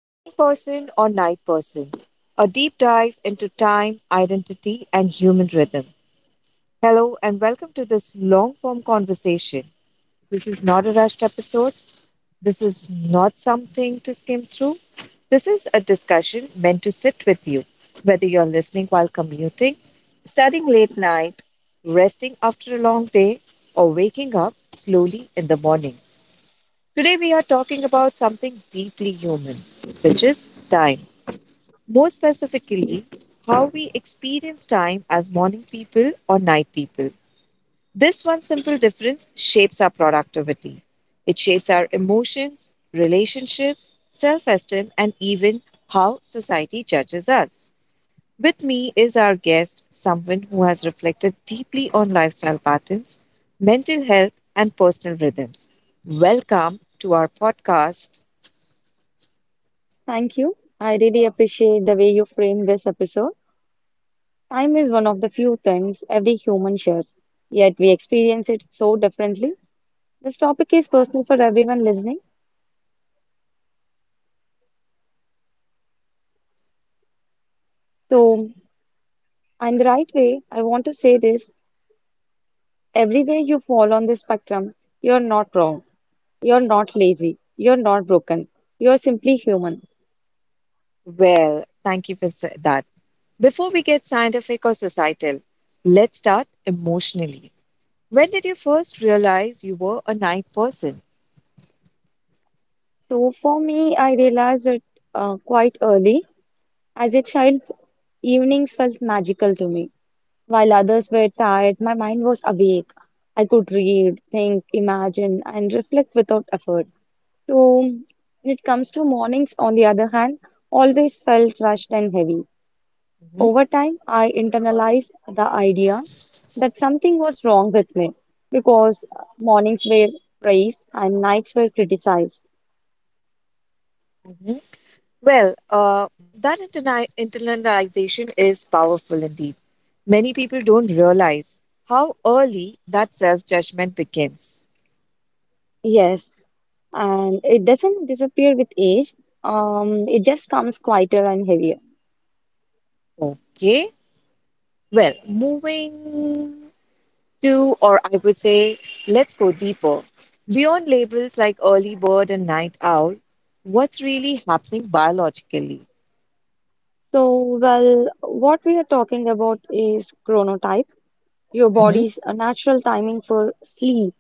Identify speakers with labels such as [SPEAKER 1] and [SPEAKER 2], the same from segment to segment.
[SPEAKER 1] Morning person or night person? A deep dive into time, identity, and human rhythm. Hello, and welcome to this long form conversation. This is not a rushed episode. This is not something to skim through. This is a discussion meant to sit with you, whether you're listening while commuting, studying late night, resting after a long day, or waking up slowly in the morning. Today, we are talking about something deeply human, which is time. More specifically, how we experience time as morning people or night people. This one simple difference shapes our productivity. It shapes our emotions, relationships, self esteem, and even how society judges us. With me is our guest, someone who has reflected deeply on lifestyle patterns, mental health, and personal rhythms. Welcome to our podcast.
[SPEAKER 2] Thank you. I really appreciate the way you frame this episode. Time is one of the few things every human shares, yet we experience it so differently. This topic is personal for everyone listening. So, in the right way, I want to say this everywhere you fall on this spectrum, you're not wrong, you're not lazy, you're not broken, you're simply human.
[SPEAKER 1] Well, thank you for that. Before we get scientific or societal, let's start emotionally. When did you first realize you were a night person?
[SPEAKER 2] So, for me, I realized it quite early. As a child, evenings felt magical to me. While others were tired, my mind was awake. I could read, think, imagine, and reflect without effort. So, when it comes to mornings, on the other hand, always felt rushed and heavy.
[SPEAKER 1] Mhm.
[SPEAKER 2] Over time, I internalized the idea that something was wrong with me because mornings were praised and nights were criticized.
[SPEAKER 1] Mhm. Well, that internalization is powerful indeed. Many people don't realize how early that self judgment begins.
[SPEAKER 2] Yes, and it doesn't disappear with age, it just comes quieter and heavier.
[SPEAKER 1] Okay. Well, or I would say, let's go deeper. Beyond labels like early bird and night owl, what's really happening biologically?
[SPEAKER 2] So, well, what we are talking about is chronotype, your body's natural timing for sleep,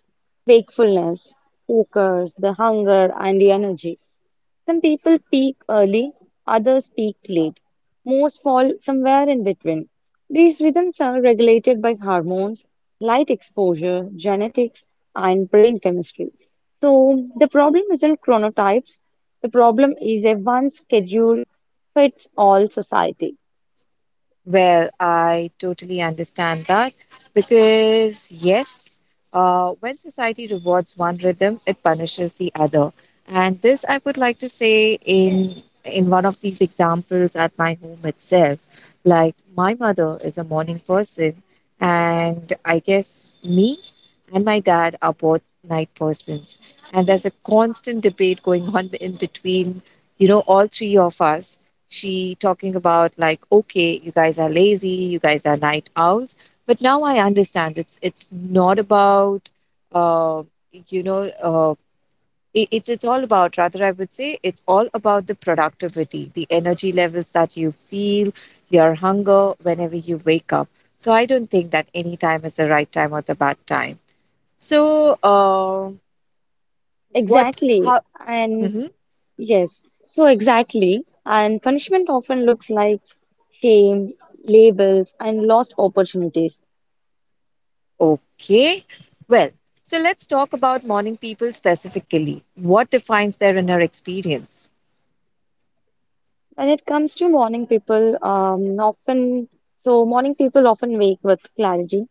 [SPEAKER 2] wakefulness, focus, the hunger, and the energy. Some people peak early, others peak late. Most fall somewhere in between. These rhythms are regulated by hormones, light exposure, genetics, and brain chemistry. So, the problem isn't chronotypes, the problem is a one schedule fits all society.
[SPEAKER 1] Well, I totally understand that because, yes, when society rewards one rhythm, it punishes the other. And this I would like to say in one of these examples at my home itself. Like my mother is a morning person, and I guess me and my dad are both night persons. And there's a constant debate going on in between, all three of us, she talking about like, okay, you guys are lazy, you guys are night owls, but now I understand it's not about uh, you know uh, it's all about, rather I would say, it's all about the productivity, the energy levels that you feel, your hunger whenever you wake up. So I don't think that any time is the right time or the bad time. So what
[SPEAKER 2] Exactly.
[SPEAKER 1] how.
[SPEAKER 2] And yes, so exactly. And punishment often looks like shame, labels, and lost opportunities.
[SPEAKER 1] Okay. Well, so let's talk about morning people specifically. What defines their inner experience?
[SPEAKER 2] When it comes to morning people, so morning people often wake with clarity.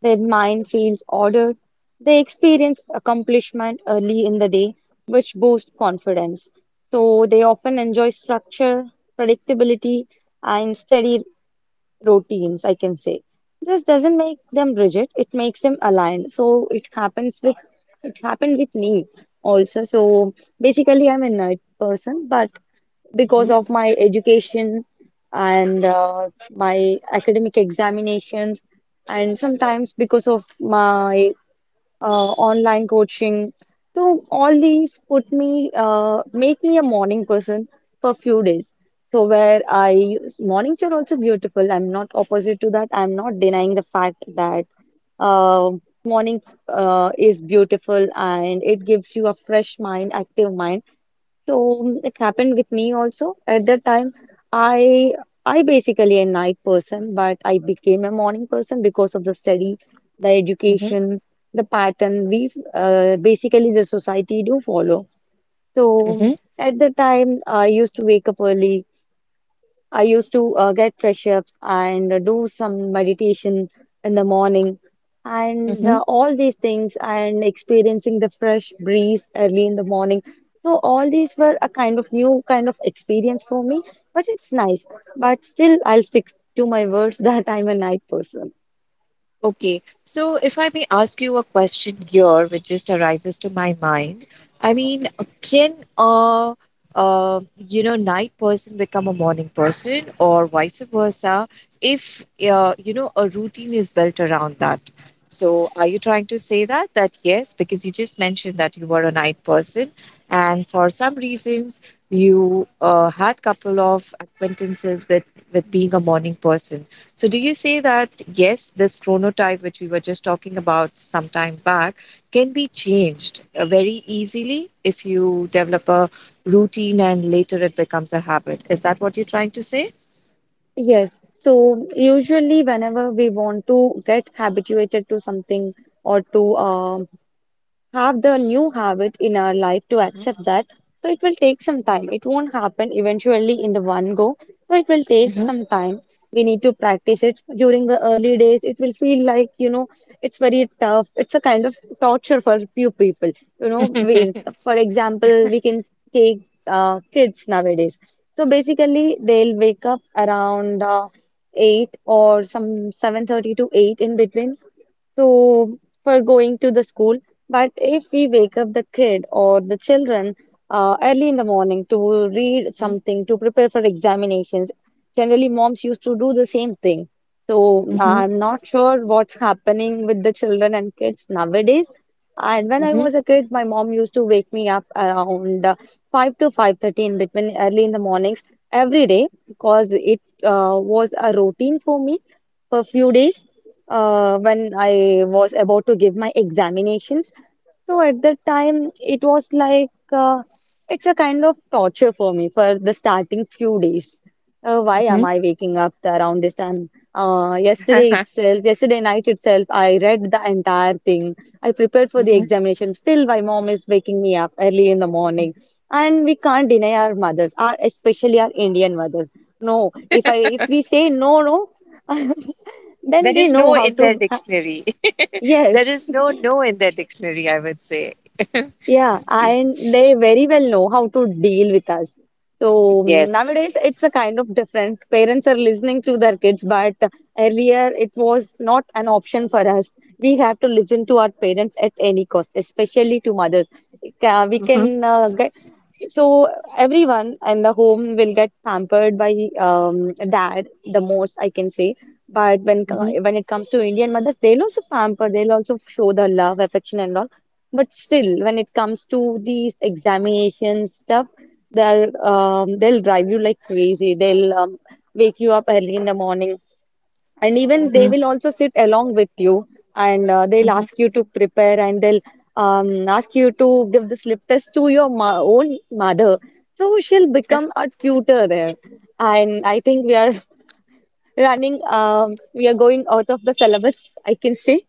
[SPEAKER 2] Their mind feels ordered. They experience accomplishment early in the day, which boosts confidence. So they often enjoy structure, predictability, and steady routines, I can say. This doesn't make them rigid, it makes them aligned. So it happens with it happened with me also. So basically I'm a night person, but because of my education and my academic examinations and sometimes because of my online coaching. So all these put me make me a morning person for few days. Mornings are also beautiful. I'm not opposite to that. I'm not denying the fact that uh, morning is beautiful and it gives you a fresh mind, active mind. So it happened with me also. At that time, I I basically a night person, but I became a morning person because of the study, the
[SPEAKER 1] Hmm.
[SPEAKER 2] education, the pattern we basically the society do follow. So
[SPEAKER 1] Hmm.
[SPEAKER 2] at the time, I used to wake up early, I used to get fresh up and do some meditation in the morning and
[SPEAKER 1] Hmm.
[SPEAKER 2] all these things and experiencing the fresh breeze early in the morning. So all these were a kind of new kind of experience for me, but it's nice. But still, I'll stick to my words that I'm a night person.
[SPEAKER 1] Okay, so if I may ask you a question here, which just arises to my mind, I mean, can night person become a morning person or vice versa if, a routine is built around that? So are you trying to say that? That yes, because you just mentioned that you were a night person and for some reasons you had couple of acquaintances with being a morning person. So, do you say that yes, this chronotype, which we were just talking about some time back, can be changed very easily if you develop a routine and later it becomes a habit? Is that what you're trying to say?
[SPEAKER 2] Yes, so usually whenever we want to get habituated to something or to have the new habit in our life to accept that. So it will take some time. It won't happen eventually in the one go. So it will take some time. We need to practice it during the early days. It will feel like, you know, it's very tough. It's a kind of torture for few people. You know, we, for example, we can take kids nowadays. So basically, they'll wake up around 8 or some 7:30 to 8 in between so for going to the school. But if we wake up the kid or the children early in the morning to read
[SPEAKER 1] Mhm.
[SPEAKER 2] something to prepare for examinations, generally moms used to do the same thing. So
[SPEAKER 1] Mhm.
[SPEAKER 2] I'm not sure what's happening with the children and kids nowadays. And when I
[SPEAKER 1] Mhm.
[SPEAKER 2] was a kid, my mom used to wake me up around 5 to 5:30 in between early in the mornings every day because it was a routine for me for few days when I was about to give my examinations. So at that time, it was like it's a kind of torture for me for the starting few days. Why am
[SPEAKER 1] Mhm.
[SPEAKER 2] I waking up around this time? Yesterday itself, yesterday night itself, I read the entire thing. I prepared for the
[SPEAKER 1] Mhm.
[SPEAKER 2] examination. Still, my mom is waking me up early in the morning. And we can't deny our mothers, our especially our Indian mothers. No, if we say no, no, then
[SPEAKER 1] There
[SPEAKER 2] they
[SPEAKER 1] is
[SPEAKER 2] know
[SPEAKER 1] no
[SPEAKER 2] how
[SPEAKER 1] in their
[SPEAKER 2] to.
[SPEAKER 1] dictionary. There
[SPEAKER 2] Yes,
[SPEAKER 1] is no no in the dictionary, I would say.
[SPEAKER 2] yeah, and they very well know how to deal with us. So
[SPEAKER 1] Yes.
[SPEAKER 2] nowadays, it's a kind of different. Parents are listening to their kids, but earlier it was not an option for us. We have to listen to our parents at any cost, especially to mothers. We
[SPEAKER 1] Mhm.
[SPEAKER 2] can get so everyone in the home will get pampered by dad the most, I can say. But
[SPEAKER 1] Mhm.
[SPEAKER 2] when it comes to Indian mothers, they'll also pamper, they'll also show the love, affection, and all, but still, when it comes to these examination stuff, they'll they'll drive you like crazy. They'll wake you up early in the morning, and even they will also sit along with you, and they'll
[SPEAKER 1] Mhm.
[SPEAKER 2] ask you to prepare, and they'll ask you to give the slip test to your ma own mother. So she'll become a tutor there, and I think we are running. We are going out of the syllabus, I can say.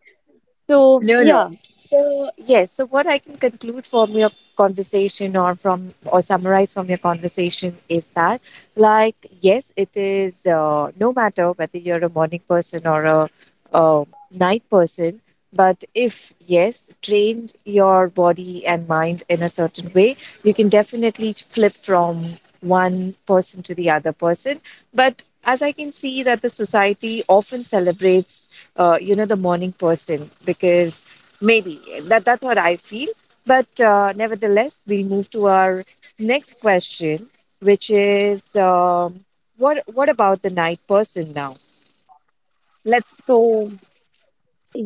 [SPEAKER 2] So
[SPEAKER 1] No, no.
[SPEAKER 2] yeah,
[SPEAKER 1] So, yes, so what I can conclude from your conversation or summarize from your conversation is that, like, yes, it is, no matter whether you're a morning person or uh night person, but if, yes, trained your body and mind in a certain way, you can definitely flip from one person to the other person. But as I can see, that the society often celebrates the morning person because maybe that's what I feel. But nevertheless, we'll move to our next question, which is what about the night person now? Let's.
[SPEAKER 2] so.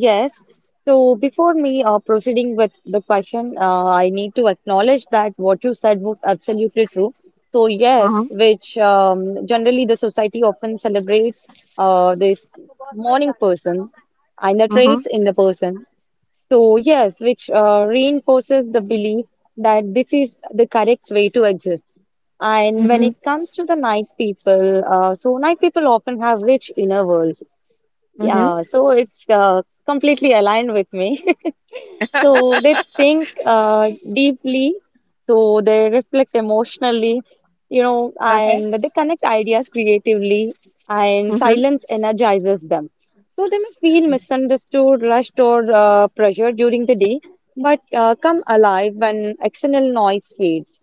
[SPEAKER 2] Yes. So before me proceeding with the question, I need to acknowledge that what you said was absolutely true. So yes, which generally the society often celebrates this morning person and the
[SPEAKER 1] Mm-hmm.
[SPEAKER 2] traits in the person. So yes, which reinforces the belief that this is the correct way to exist. And when
[SPEAKER 1] Mm-hmm.
[SPEAKER 2] it comes to the night people, so night people often have rich inner worlds,
[SPEAKER 1] Mm-hmm.
[SPEAKER 2] yeah, so it's completely aligned with me. So they think deeply, so they reflect emotionally, you know,
[SPEAKER 1] Okay.
[SPEAKER 2] and they connect ideas creatively, and silence energizes them. So they may feel misunderstood, rushed, or pressured during the day, but come alive when external noise fades.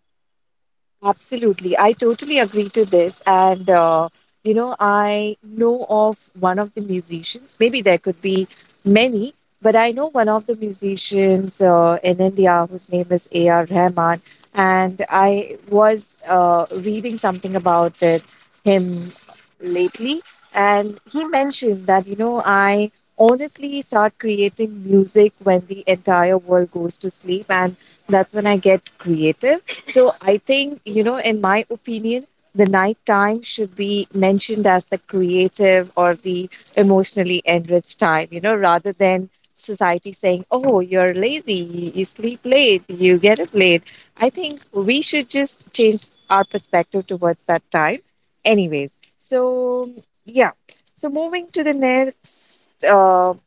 [SPEAKER 1] Absolutely. I totally agree to this. And, I know of one of the musicians, maybe there could be many, but I know one of the musicians in India whose name is A.R. Rahman. And I was reading something about him lately. And he mentioned that, I honestly start creating music when the entire world goes to sleep. And that's when I get creative, so I think, in my opinion, the nighttime should be mentioned as the creative or the emotionally enriched time, rather than society saying, oh, you're lazy, you sleep late, you get up late. I think we should just change our perspective towards that time. Anyways, so yeah. So moving to the next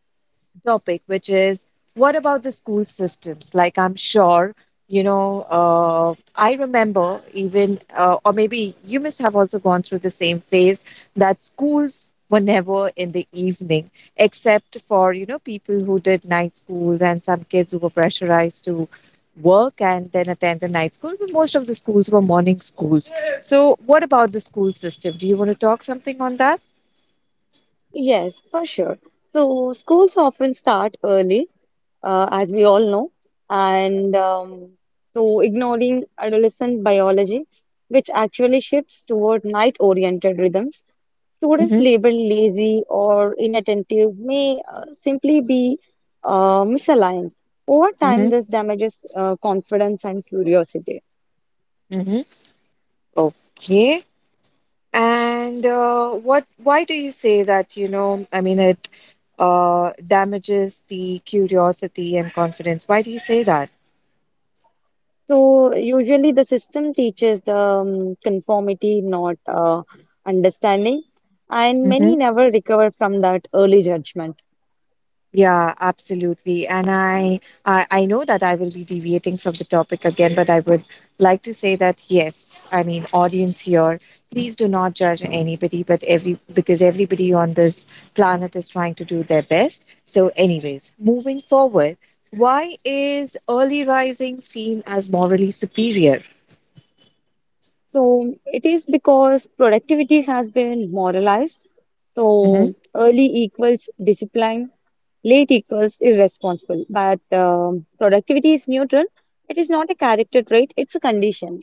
[SPEAKER 1] topic, which is what about the school systems? Like, I'm sure, I remember even, or maybe you must have also gone through the same phase that schools were never in the evening, except for, people who did night schools and some kids who were pressurized to work and then attend the night school. But most of the schools were morning schools. So, what about the school system? Do you want to talk something on that?
[SPEAKER 2] Yes, for sure. So schools often start early, as we all know, and so ignoring adolescent biology, which actually shifts toward night-oriented rhythms. Students
[SPEAKER 1] Mm-hmm.
[SPEAKER 2] labeled lazy or inattentive may simply be misaligned. Over
[SPEAKER 1] Mm-hmm.
[SPEAKER 2] time, this damages confidence and curiosity.
[SPEAKER 1] Mm-hmm. Okay. And what? Why do you say that? You know, I mean, it damages the curiosity and confidence. Why do you say that?
[SPEAKER 2] So usually the system teaches the conformity, not understanding, and many never recover from that early judgment.
[SPEAKER 1] Yeah, absolutely. And I know that I will be deviating from the topic again, but I would like to say that yes, I mean audience here, please do not judge anybody, but every because everybody on this planet is trying to do their best. So anyways, moving forward, why is early rising seen as morally superior?
[SPEAKER 2] So it is because productivity has been moralized. So early equals discipline, late equals irresponsible. But productivity is neutral. It is not a character trait, it's a condition.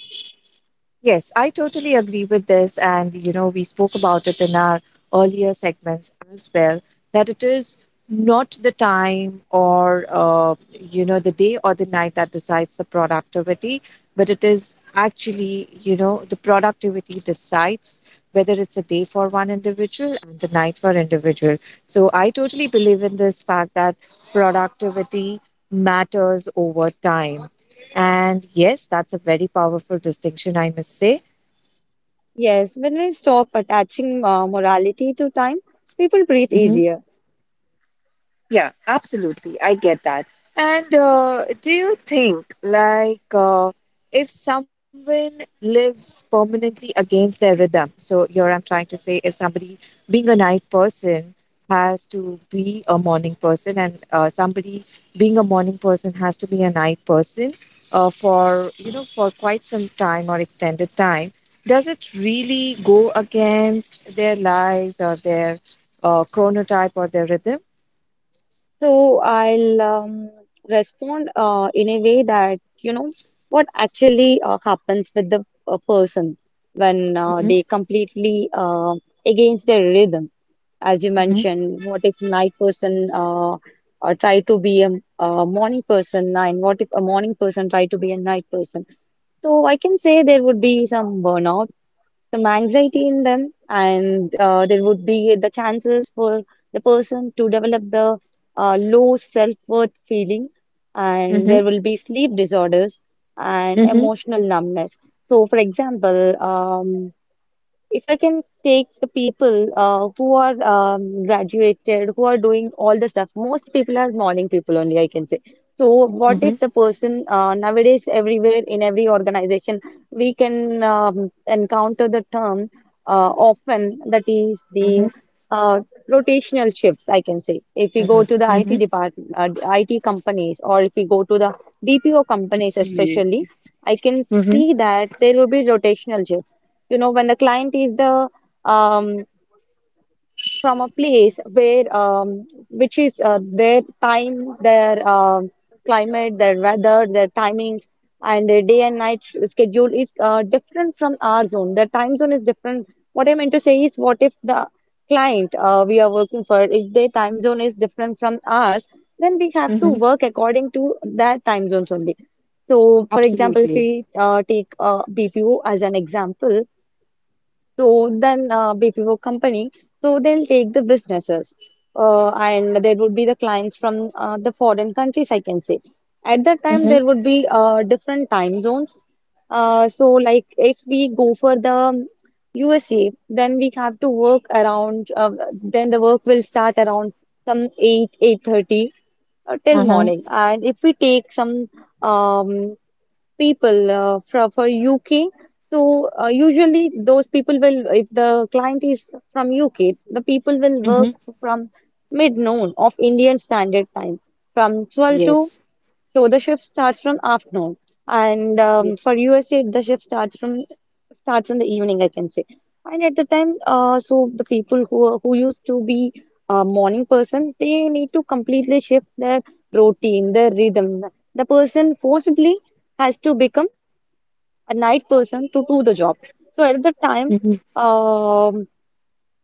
[SPEAKER 1] Yes, I totally agree with this. And, you know, we spoke about it in our earlier segments as well, that it is not the time or, the day or the night that decides the productivity, but it is actually, the productivity decides whether it's a day for one individual and the night for individual. So I totally believe in this fact that productivity matters over time. And yes, that's a very powerful distinction, I must say.
[SPEAKER 2] Yes, when we stop attaching morality to time, people breathe
[SPEAKER 1] Mhm.
[SPEAKER 2] easier.
[SPEAKER 1] Yeah, absolutely. I get that. And do you think, like, if someone lives permanently against their rhythm, so here I'm trying to say if somebody being a night person has to be a morning person, and somebody being a morning person has to be a night person for quite some time or extended time, does it really go against their lives or their chronotype or their rhythm?
[SPEAKER 2] So I'll respond in a way that you know what actually happens with the person when
[SPEAKER 1] Mm-hmm.
[SPEAKER 2] they completely against their rhythm. As you
[SPEAKER 1] Mhm.
[SPEAKER 2] mentioned, what if night person try to be a morning person, and what if a morning person try to be a night person? So I can say there would be some burnout, some anxiety in them, and there would be the chances for the person to develop the low self-worth feeling, and
[SPEAKER 1] Mhm.
[SPEAKER 2] there will be sleep disorders and
[SPEAKER 1] Mhm.
[SPEAKER 2] emotional numbness. So, for example, if I can take the people who are graduated, who are doing all the stuff, most people are morning people only, I can say. So, what
[SPEAKER 1] Mhm.
[SPEAKER 2] if the person nowadays, everywhere in every organization, we can encounter the term often that is the
[SPEAKER 1] Mhm.
[SPEAKER 2] uh, rotational shifts, I can say. If we go
[SPEAKER 1] Mhm.
[SPEAKER 2] to the IT
[SPEAKER 1] Mhm.
[SPEAKER 2] department, IT companies, or if we go to the BPO companies,
[SPEAKER 1] Absolutely.
[SPEAKER 2] especially, I can
[SPEAKER 1] Mhm.
[SPEAKER 2] see that there will be rotational shifts. You know, when the client is the um, from a place where which is their time, their climate, their weather, their timings, and their day and night schedule is different from our zone. Their time zone is different. What I meant to say is, what if the client we are working for, if their time zone is different from ours, then we have to
[SPEAKER 1] Mhm.
[SPEAKER 2] work according to their time zones only. So, for example, if
[SPEAKER 1] Absolutely.
[SPEAKER 2] we take BPO as an example, so then BPO company, so they'll take the businesses, and there would be the clients from the foreign countries, I can say. At that time, there
[SPEAKER 1] Mhm.
[SPEAKER 2] would be different time zones. So like if we go for the USA, then we have to work around. Then the work will start around some eight, 8:30 till
[SPEAKER 1] Uh-huh.
[SPEAKER 2] morning. And if we take some um, people from for UK. So usually those people will, if the client is from UK, the people will work
[SPEAKER 1] Mhm.
[SPEAKER 2] from mid noon of Indian Standard Time from 12 to
[SPEAKER 1] Yes.
[SPEAKER 2] so the shift starts from afternoon, and
[SPEAKER 1] Yes.
[SPEAKER 2] for USA, the shift starts from starts in the evening, I can say. And at the time, so the people who are- who used to be morning person, they need to completely shift their routine, their rhythm. The person forcibly has to become a night person to do the job. So at the time,
[SPEAKER 1] Mhm.
[SPEAKER 2] um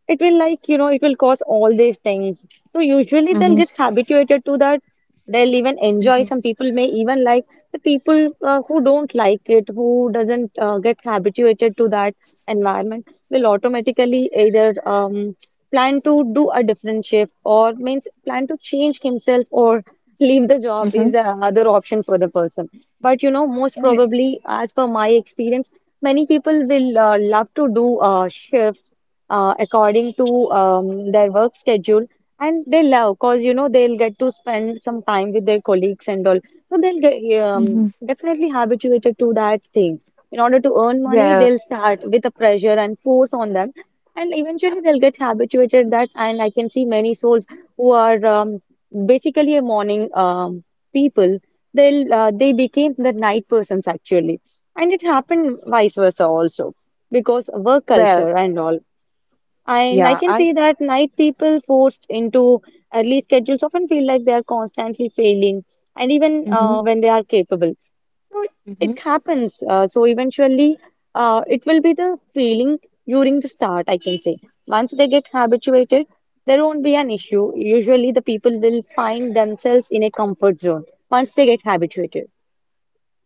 [SPEAKER 2] it will, it will cause all these things, so usually they'll
[SPEAKER 1] Mhm.
[SPEAKER 2] get habituated to that. They'll even enjoy.
[SPEAKER 1] Mhm.
[SPEAKER 2] Some people may even like the people who don't like it, who doesn't get habituated to that environment, will automatically either plan to do a different shift, or means plan to change himself, or leave the job
[SPEAKER 1] Mhm.
[SPEAKER 2] is the other option for the person. But you know, most
[SPEAKER 1] Uh,
[SPEAKER 2] probably as per my experience, many people will love to do shifts according to their work schedule, and they love because you know they'll get to spend some time with their colleagues and all. So they'll get
[SPEAKER 1] mhm.
[SPEAKER 2] definitely habituated to that thing in order to earn money.
[SPEAKER 1] Well,
[SPEAKER 2] They'll start with a pressure and force on them, and eventually they'll get habituated that. And I can see many souls who are basically a morning people, they'll they became the night persons actually, and it happened vice versa also because work
[SPEAKER 1] well,
[SPEAKER 2] culture and all. And I
[SPEAKER 1] yeah,
[SPEAKER 2] can
[SPEAKER 1] I.
[SPEAKER 2] see that night people forced into early schedules often feel like they are constantly failing, and even
[SPEAKER 1] Mhm.
[SPEAKER 2] when they are capable. So
[SPEAKER 1] Mhm.
[SPEAKER 2] it happens. So eventually, it will be the failing during the start, I can say. Once they get habituated, there won't be an issue. Usually, the people will find themselves in a comfort zone once they get habituated.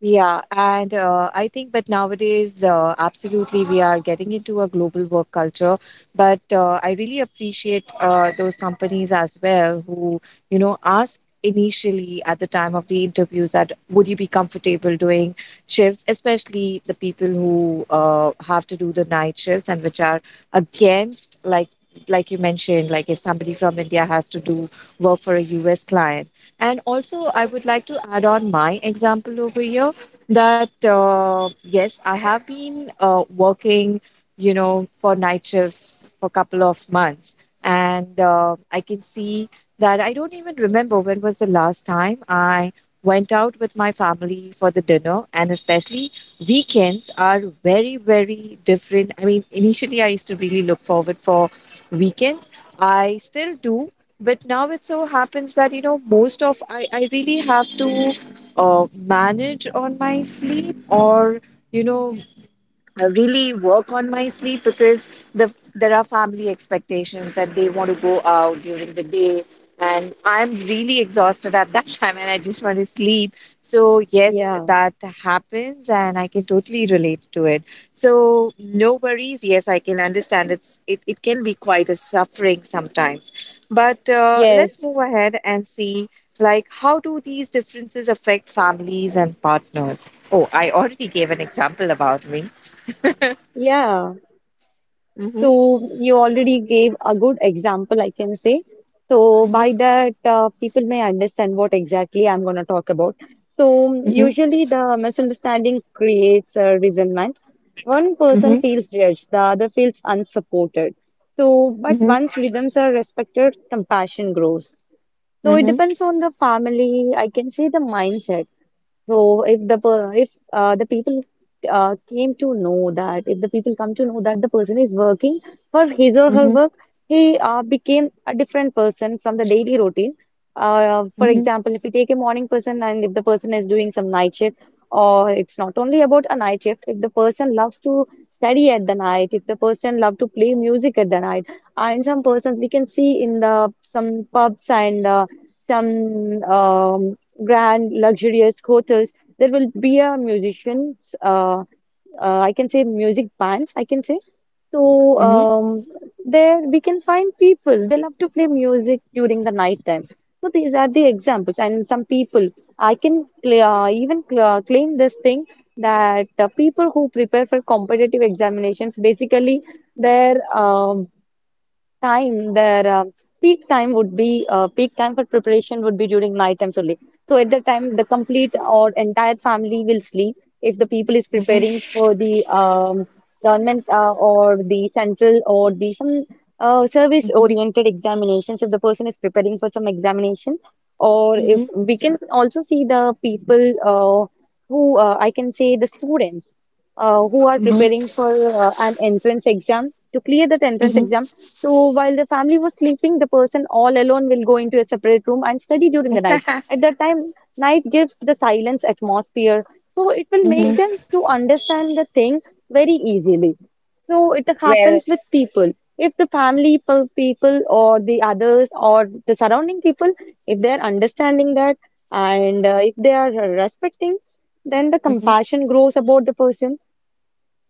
[SPEAKER 1] Yeah, and I think, but nowadays, absolutely, we are getting into a global work culture. But I really appreciate those companies as well who, you know, ask initially at the time of the interviews that would you be comfortable doing shifts, especially the people who have to do the night shifts and which are against, like you mentioned, like if somebody from India has to do work for a US client. And also, I would like to add on my example over here that yes, I have been working, for night shifts for a couple of months, and I can see that I don't even remember when was the last time I went out with my family for the dinner, and especially weekends are very, very different. I mean, initially I used to really look forward for weekends. I still do, but now it so happens that, I really have to manage on my sleep or, you know really work on my sleep because there are family expectations and they want to go out during the day and I'm really exhausted at that time and I just want to sleep. So yes,
[SPEAKER 2] Yeah.
[SPEAKER 1] that happens and I can totally relate to it. So no worries, yes, I can understand it can be quite a suffering sometimes. But let's
[SPEAKER 2] Yes.
[SPEAKER 1] move ahead and see like how do these differences affect families and partners. Oh, I already gave an example about me.
[SPEAKER 2] Yeah.
[SPEAKER 1] Mhm.
[SPEAKER 2] So you already gave a good example, I can say. So
[SPEAKER 1] Mhm.
[SPEAKER 2] by that, people may understand what exactly I'm going to talk about. So
[SPEAKER 1] Mhm.
[SPEAKER 2] usually the misunderstanding creates a resentment. One person
[SPEAKER 1] Mhm.
[SPEAKER 2] feels judged, the other feels unsupported. So, but
[SPEAKER 1] Mhm.
[SPEAKER 2] once rhythms are respected, compassion grows. So it
[SPEAKER 1] Mhm.
[SPEAKER 2] depends on the family. I can say the mindset. So if the per- if the people came to know that, if the people come to know that the person is working for his or her
[SPEAKER 1] Mhm.
[SPEAKER 2] work, he became a different person from the daily routine. For
[SPEAKER 1] Mhm. Mhm.
[SPEAKER 2] example, if we take a morning person and if the person is doing some night shift, or it's not only about a night shift. If the person loves to study at the night, if the person love to play music at the night, and some persons we can see in the some pubs and some grand, luxurious hotels, there will be a musicians, I can say music bands, I can say. So
[SPEAKER 1] Mhm.
[SPEAKER 2] um, there we can find people. They love to play music during the night time. So these are the examples. And some people, I can cla- even claim this thing that people who prepare for competitive examinations, basically their time, their peak time would be peak time for preparation would be during night times only. So at that time the complete or entire family will sleep if the people is
[SPEAKER 1] Mhm.
[SPEAKER 2] preparing for the government or the central or the some service
[SPEAKER 1] Mhm.
[SPEAKER 2] oriented examinations, if the person is preparing for some examination, or if
[SPEAKER 1] Mhm.
[SPEAKER 2] we can also see the people uh, who I can say the students who are
[SPEAKER 1] Mhm.
[SPEAKER 2] preparing for an entrance exam to clear that entrance
[SPEAKER 1] Mhm.
[SPEAKER 2] exam. So while the family was sleeping, the person all alone will go into a separate room and study during the
[SPEAKER 1] Mhm.
[SPEAKER 2] night. At that time, night gives the silence atmosphere, so it will make them to understand the thing very easily. So it
[SPEAKER 1] Well,
[SPEAKER 2] happens with people. If the family pe- people or the others or the surrounding people, if they are understanding that, and if they are respecting, then the
[SPEAKER 1] mhm.
[SPEAKER 2] compassion grows about the person.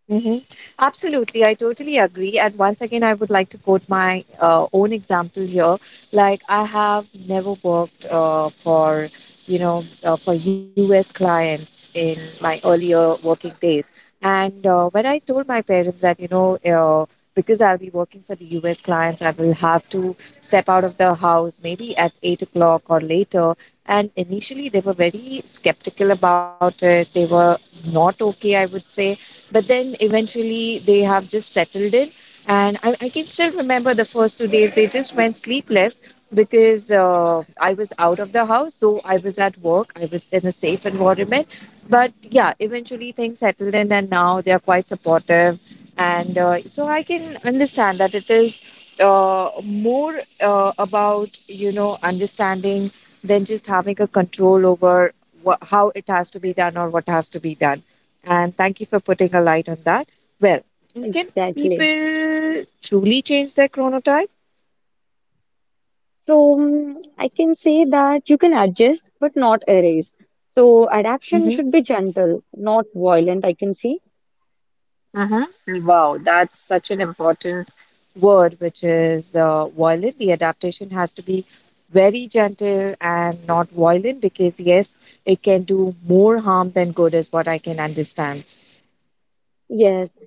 [SPEAKER 1] Hmm. Absolutely, I totally agree. And once again, I would like to quote my own example here. Like I have never worked for you know for U.S. clients in my earlier working days, and when I told my parents that, Because I'll be working for the US clients, I will have to step out of the house maybe at 8 o'clock or later. And initially, they were very skeptical about it. They were not okay, I would say, but then eventually they have just settled in. And I can still remember the first 2 days, they just went sleepless because I was out of the house, though I was at work, I was in a safe environment. But yeah, eventually things settled in, and now they are quite supportive. And so I can understand that it is more about, understanding than just having a control over wha how it has to be done or what has to be done. And thank you for putting a light on that. Well, can
[SPEAKER 2] Exactly.
[SPEAKER 1] people truly change their chronotype?
[SPEAKER 2] So I can say that you can adjust but not erase. So adaptation
[SPEAKER 1] hmm
[SPEAKER 2] should be gentle, not violent, I can see.
[SPEAKER 1] Wow, that's such an important word, which is, violent. The adaptation has to be very gentle and not violent because, yes, it can do more harm than good, is what I can understand.
[SPEAKER 2] Yes.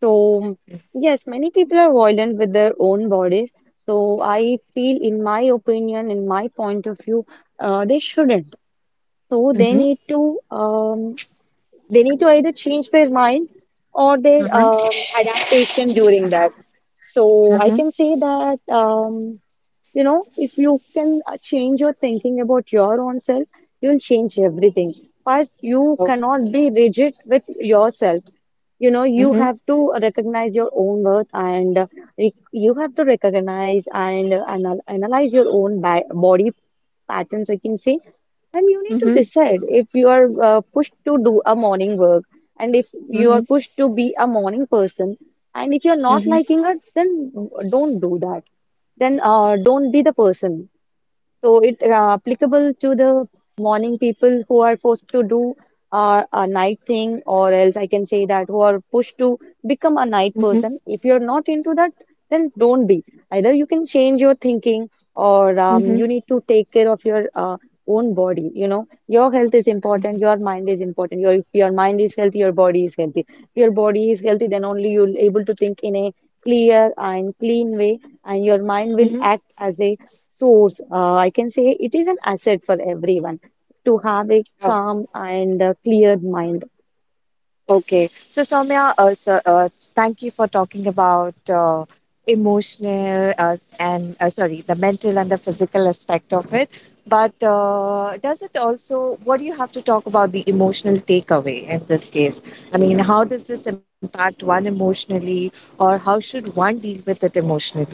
[SPEAKER 2] So yes, many people are violent with their own bodies. So I feel, in my opinion, in my point of view, they shouldn't. So they
[SPEAKER 1] Mm-hmm.
[SPEAKER 2] need to they need to either change their mind or their
[SPEAKER 1] Mm-hmm.
[SPEAKER 2] adaptation during that. So I
[SPEAKER 1] Mm-hmm.
[SPEAKER 2] can say that, you know, if you can change your thinking about your own self, you will change everything. First, you
[SPEAKER 1] Oh.
[SPEAKER 2] cannot be rigid with yourself. You know, you
[SPEAKER 1] Mm-hmm.
[SPEAKER 2] have to recognize your own worth and you have to recognize and analyze your own ba body patterns, I can say, and you need to
[SPEAKER 1] Mm-hmm.
[SPEAKER 2] decide if you are pushed to do a morning work, and if you are
[SPEAKER 1] Mm-hmm.
[SPEAKER 2] pushed to be a morning person. And if you're not
[SPEAKER 1] Mm-hmm.
[SPEAKER 2] liking it, then don't do that. Then don't be the person. So it applicable to the morning people who are forced to do a night thing, or else I can say that who are pushed to become a night
[SPEAKER 1] Mm-hmm.
[SPEAKER 2] person. If you're not into that, then don't be. Either you can change your thinking, or
[SPEAKER 1] Mm-hmm.
[SPEAKER 2] you need to take care of your own body. You know, your health is important, your mind is important. Your If your mind is healthy, your body is healthy. If your body is healthy, then only you'll able to think in a clear and clean way, and your mind will
[SPEAKER 1] Mm-hmm.
[SPEAKER 2] act as a source. I can say it is an asset for everyone to have a calm and clear mind.
[SPEAKER 1] Okay. So, Soumya, thank you for talking about emotional, and, sorry, the mental and the physical aspect of it. But what do you have to talk about the emotional takeaway in this case? I mean, how does this impact one emotionally, or how should one deal with it emotionally?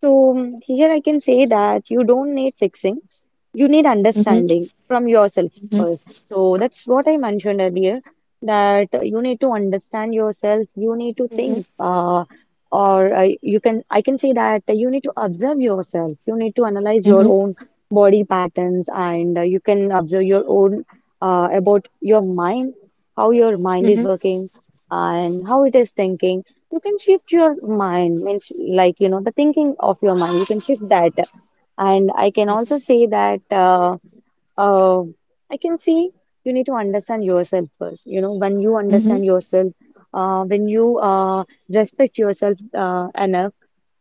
[SPEAKER 2] So here I can say that you don't need fixing, you need
[SPEAKER 1] Mm-hmm.
[SPEAKER 2] understanding from yourself
[SPEAKER 1] Mm-hmm.
[SPEAKER 2] first. So that's what I mentioned earlier that you need to understand yourself, you need to
[SPEAKER 1] Mm-hmm.
[SPEAKER 2] think, or I you can I can say that you need to observe yourself, you need to analyze
[SPEAKER 1] Mm-hmm.
[SPEAKER 2] your own body patterns, and you can observe your own about your mind, how your mind
[SPEAKER 1] Mm-hmm.
[SPEAKER 2] is working, and how it is thinking. You can shift your mind, means, like you know, the thinking of your mind you can shift that. And I can also say that uh, uh, I can see you need to understand yourself first. You know, when you
[SPEAKER 1] Mm-hmm.
[SPEAKER 2] understand yourself, when you respect yourself enough,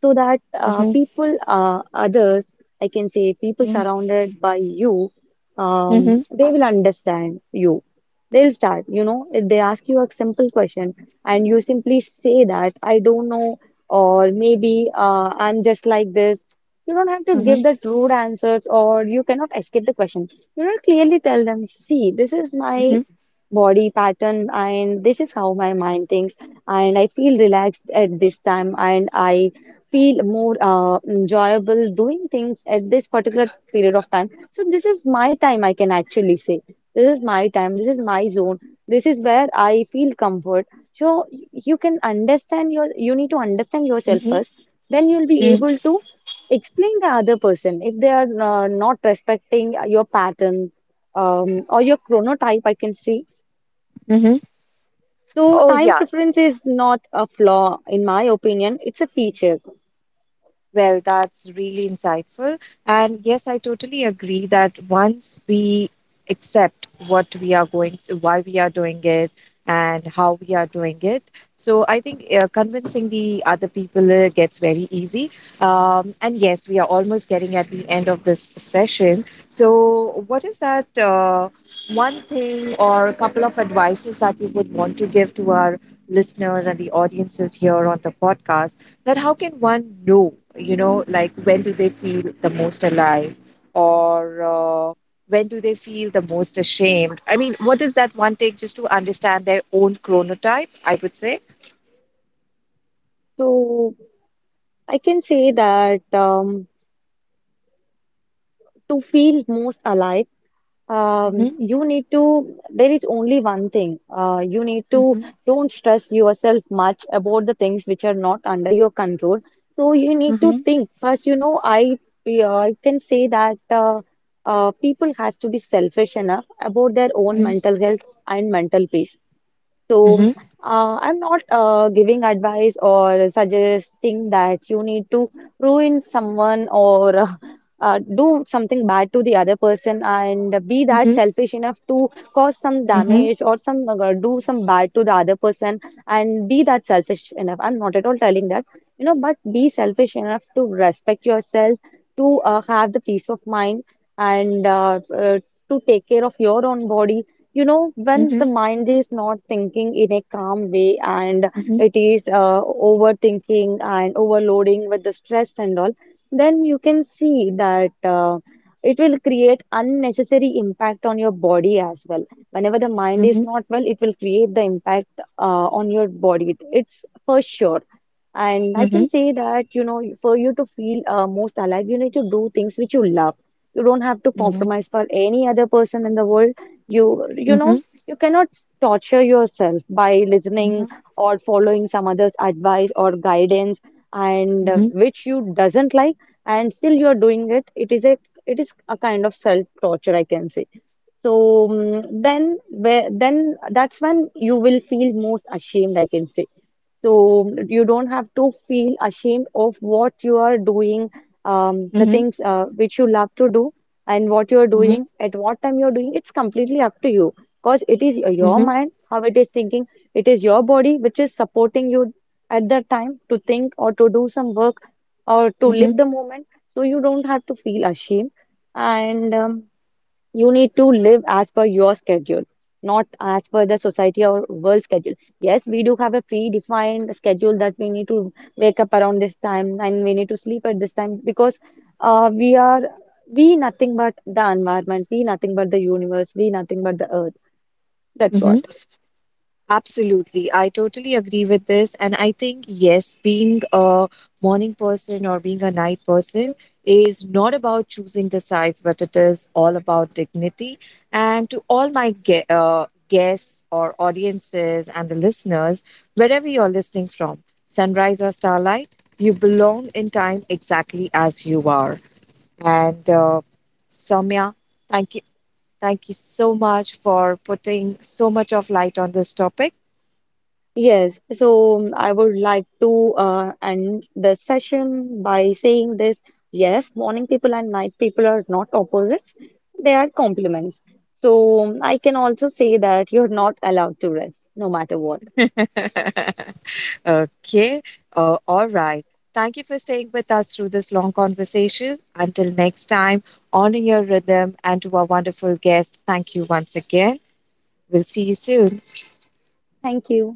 [SPEAKER 2] so that
[SPEAKER 1] Mm-hmm.
[SPEAKER 2] people, others, I can say, people surrounded by you,
[SPEAKER 1] Mm-hmm.
[SPEAKER 2] they will understand you. They'll start. You know, if they ask you a simple question and you simply say that, I don't know, or maybe I'm just like this. You don't have to give that rude answers, or you cannot escape the question. You know, clearly tell them, see, this is my
[SPEAKER 1] Mm-hmm.
[SPEAKER 2] body pattern and this is how my mind thinks, and I feel relaxed at this time, and I feel more enjoyable doing things at this particular period of time. So this is my time, I can actually say. This is my time, this is my zone, this is where I feel comfort. So y- you can understand your, you need to understand yourself
[SPEAKER 1] Mm-hmm.
[SPEAKER 2] first, then you'll be able to explain the other person if they are not respecting your pattern, or your chronotype, I can see.
[SPEAKER 1] Mm-hmm.
[SPEAKER 2] So
[SPEAKER 1] Oh,
[SPEAKER 2] time
[SPEAKER 1] yeah.
[SPEAKER 2] preference is not a flaw, in my opinion it's a feature.
[SPEAKER 1] Well, that's really insightful. And yes, I totally agree that once we accept what we are going to, why we are doing it, and how we are doing it, so I think convincing the other people gets very easy. And yes, we are almost getting at the end of this session. So, what is that one thing or a couple of advices that you would want to give to our listeners and the audiences here on the podcast? That how can one know, like when do they feel the most alive or when do they feel the most ashamed? I mean, what is that one take just to understand their own chronotype, I would say?
[SPEAKER 2] So I can say that, to feel most alive,
[SPEAKER 1] Mhm.
[SPEAKER 2] you need to, there is only one thing. You need to
[SPEAKER 1] Mhm.
[SPEAKER 2] don't stress yourself much about the things which are not under your control. So you need to
[SPEAKER 1] Mhm.
[SPEAKER 2] think first, you know, yeah, I can say that people has to be selfish enough about their own
[SPEAKER 1] Mhm.
[SPEAKER 2] mental health and mental peace. So,
[SPEAKER 1] Mhm.
[SPEAKER 2] I'm not giving advice or suggesting that you need to ruin someone or do something bad to the other person and be that selfish enough to cause some
[SPEAKER 1] Mhm.
[SPEAKER 2] damage or some do some bad to the other person and be that selfish enough. I'm not at all telling that, you know, but be selfish enough to respect yourself, to have the peace of mind, and to take care of your own body. You know, when the
[SPEAKER 1] Mhm.
[SPEAKER 2] mind is not thinking in a calm way and
[SPEAKER 1] Mhm.
[SPEAKER 2] it is overthinking and overloading with the stress and all, then you can see that it will create unnecessary impact on your body as well. Whenever the mind is
[SPEAKER 1] Mhm.
[SPEAKER 2] not well, it will create the impact on your body, it's for sure. And I can
[SPEAKER 1] Mhm.
[SPEAKER 2] say that, you know, for you to feel most alive, you need to do things which you love. You don't have to
[SPEAKER 1] Mhm. Mhm.
[SPEAKER 2] compromise for any other person in the world. You know,
[SPEAKER 1] Mhm.
[SPEAKER 2] you cannot torture yourself by
[SPEAKER 1] Mhm.
[SPEAKER 2] listening or following some other's advice or guidance, and
[SPEAKER 1] Mhm.
[SPEAKER 2] which you doesn't like, and still you are doing it. It is a kind of self torture, I can say. So mm then, where then that's when you will feel most ashamed, I can say. So you don't have to feel ashamed of what you are doing, the
[SPEAKER 1] Mhm.
[SPEAKER 2] things which you love to do, and what you are
[SPEAKER 1] Mhm.
[SPEAKER 2] doing, at what time you are doing. It's completely up to you, because it is
[SPEAKER 1] Mhm.
[SPEAKER 2] your
[SPEAKER 1] Mhm.
[SPEAKER 2] mind, how it is thinking, it is your body which is supporting you at that time to think or to do some work or to
[SPEAKER 1] Mhm.
[SPEAKER 2] live the moment. So you don't have to feel ashamed. And you need to live as per your schedule, not as per the society or world schedule. Yes, we do have a predefined schedule that we need to wake up around this time and we need to sleep at this time, because uh, we are we nothing but the environment, we nothing but the universe, we nothing but the earth. That's
[SPEAKER 1] Mhm.
[SPEAKER 2] what.
[SPEAKER 1] Absolutely. I totally agree with this. And I think, yes, being a morning person or being a night person is not about choosing the sides, but it is all about dignity. And to all my guests or audiences and the listeners, wherever you're listening from, sunrise or starlight, you belong in time exactly as you are. And Soumya, thank you. Thank you so much for putting so much of light on this topic.
[SPEAKER 2] Yes, so I would like to end the session by saying this. Yes, morning people and night people are not opposites, they are complements. So I can also say that you're not allowed to rest, no matter what.
[SPEAKER 1] Okay. All right. Thank you for staying with us through this long conversation. Until next time, honor your rhythm, and to our wonderful guest, thank you once again. We'll see you soon.
[SPEAKER 2] Thank you.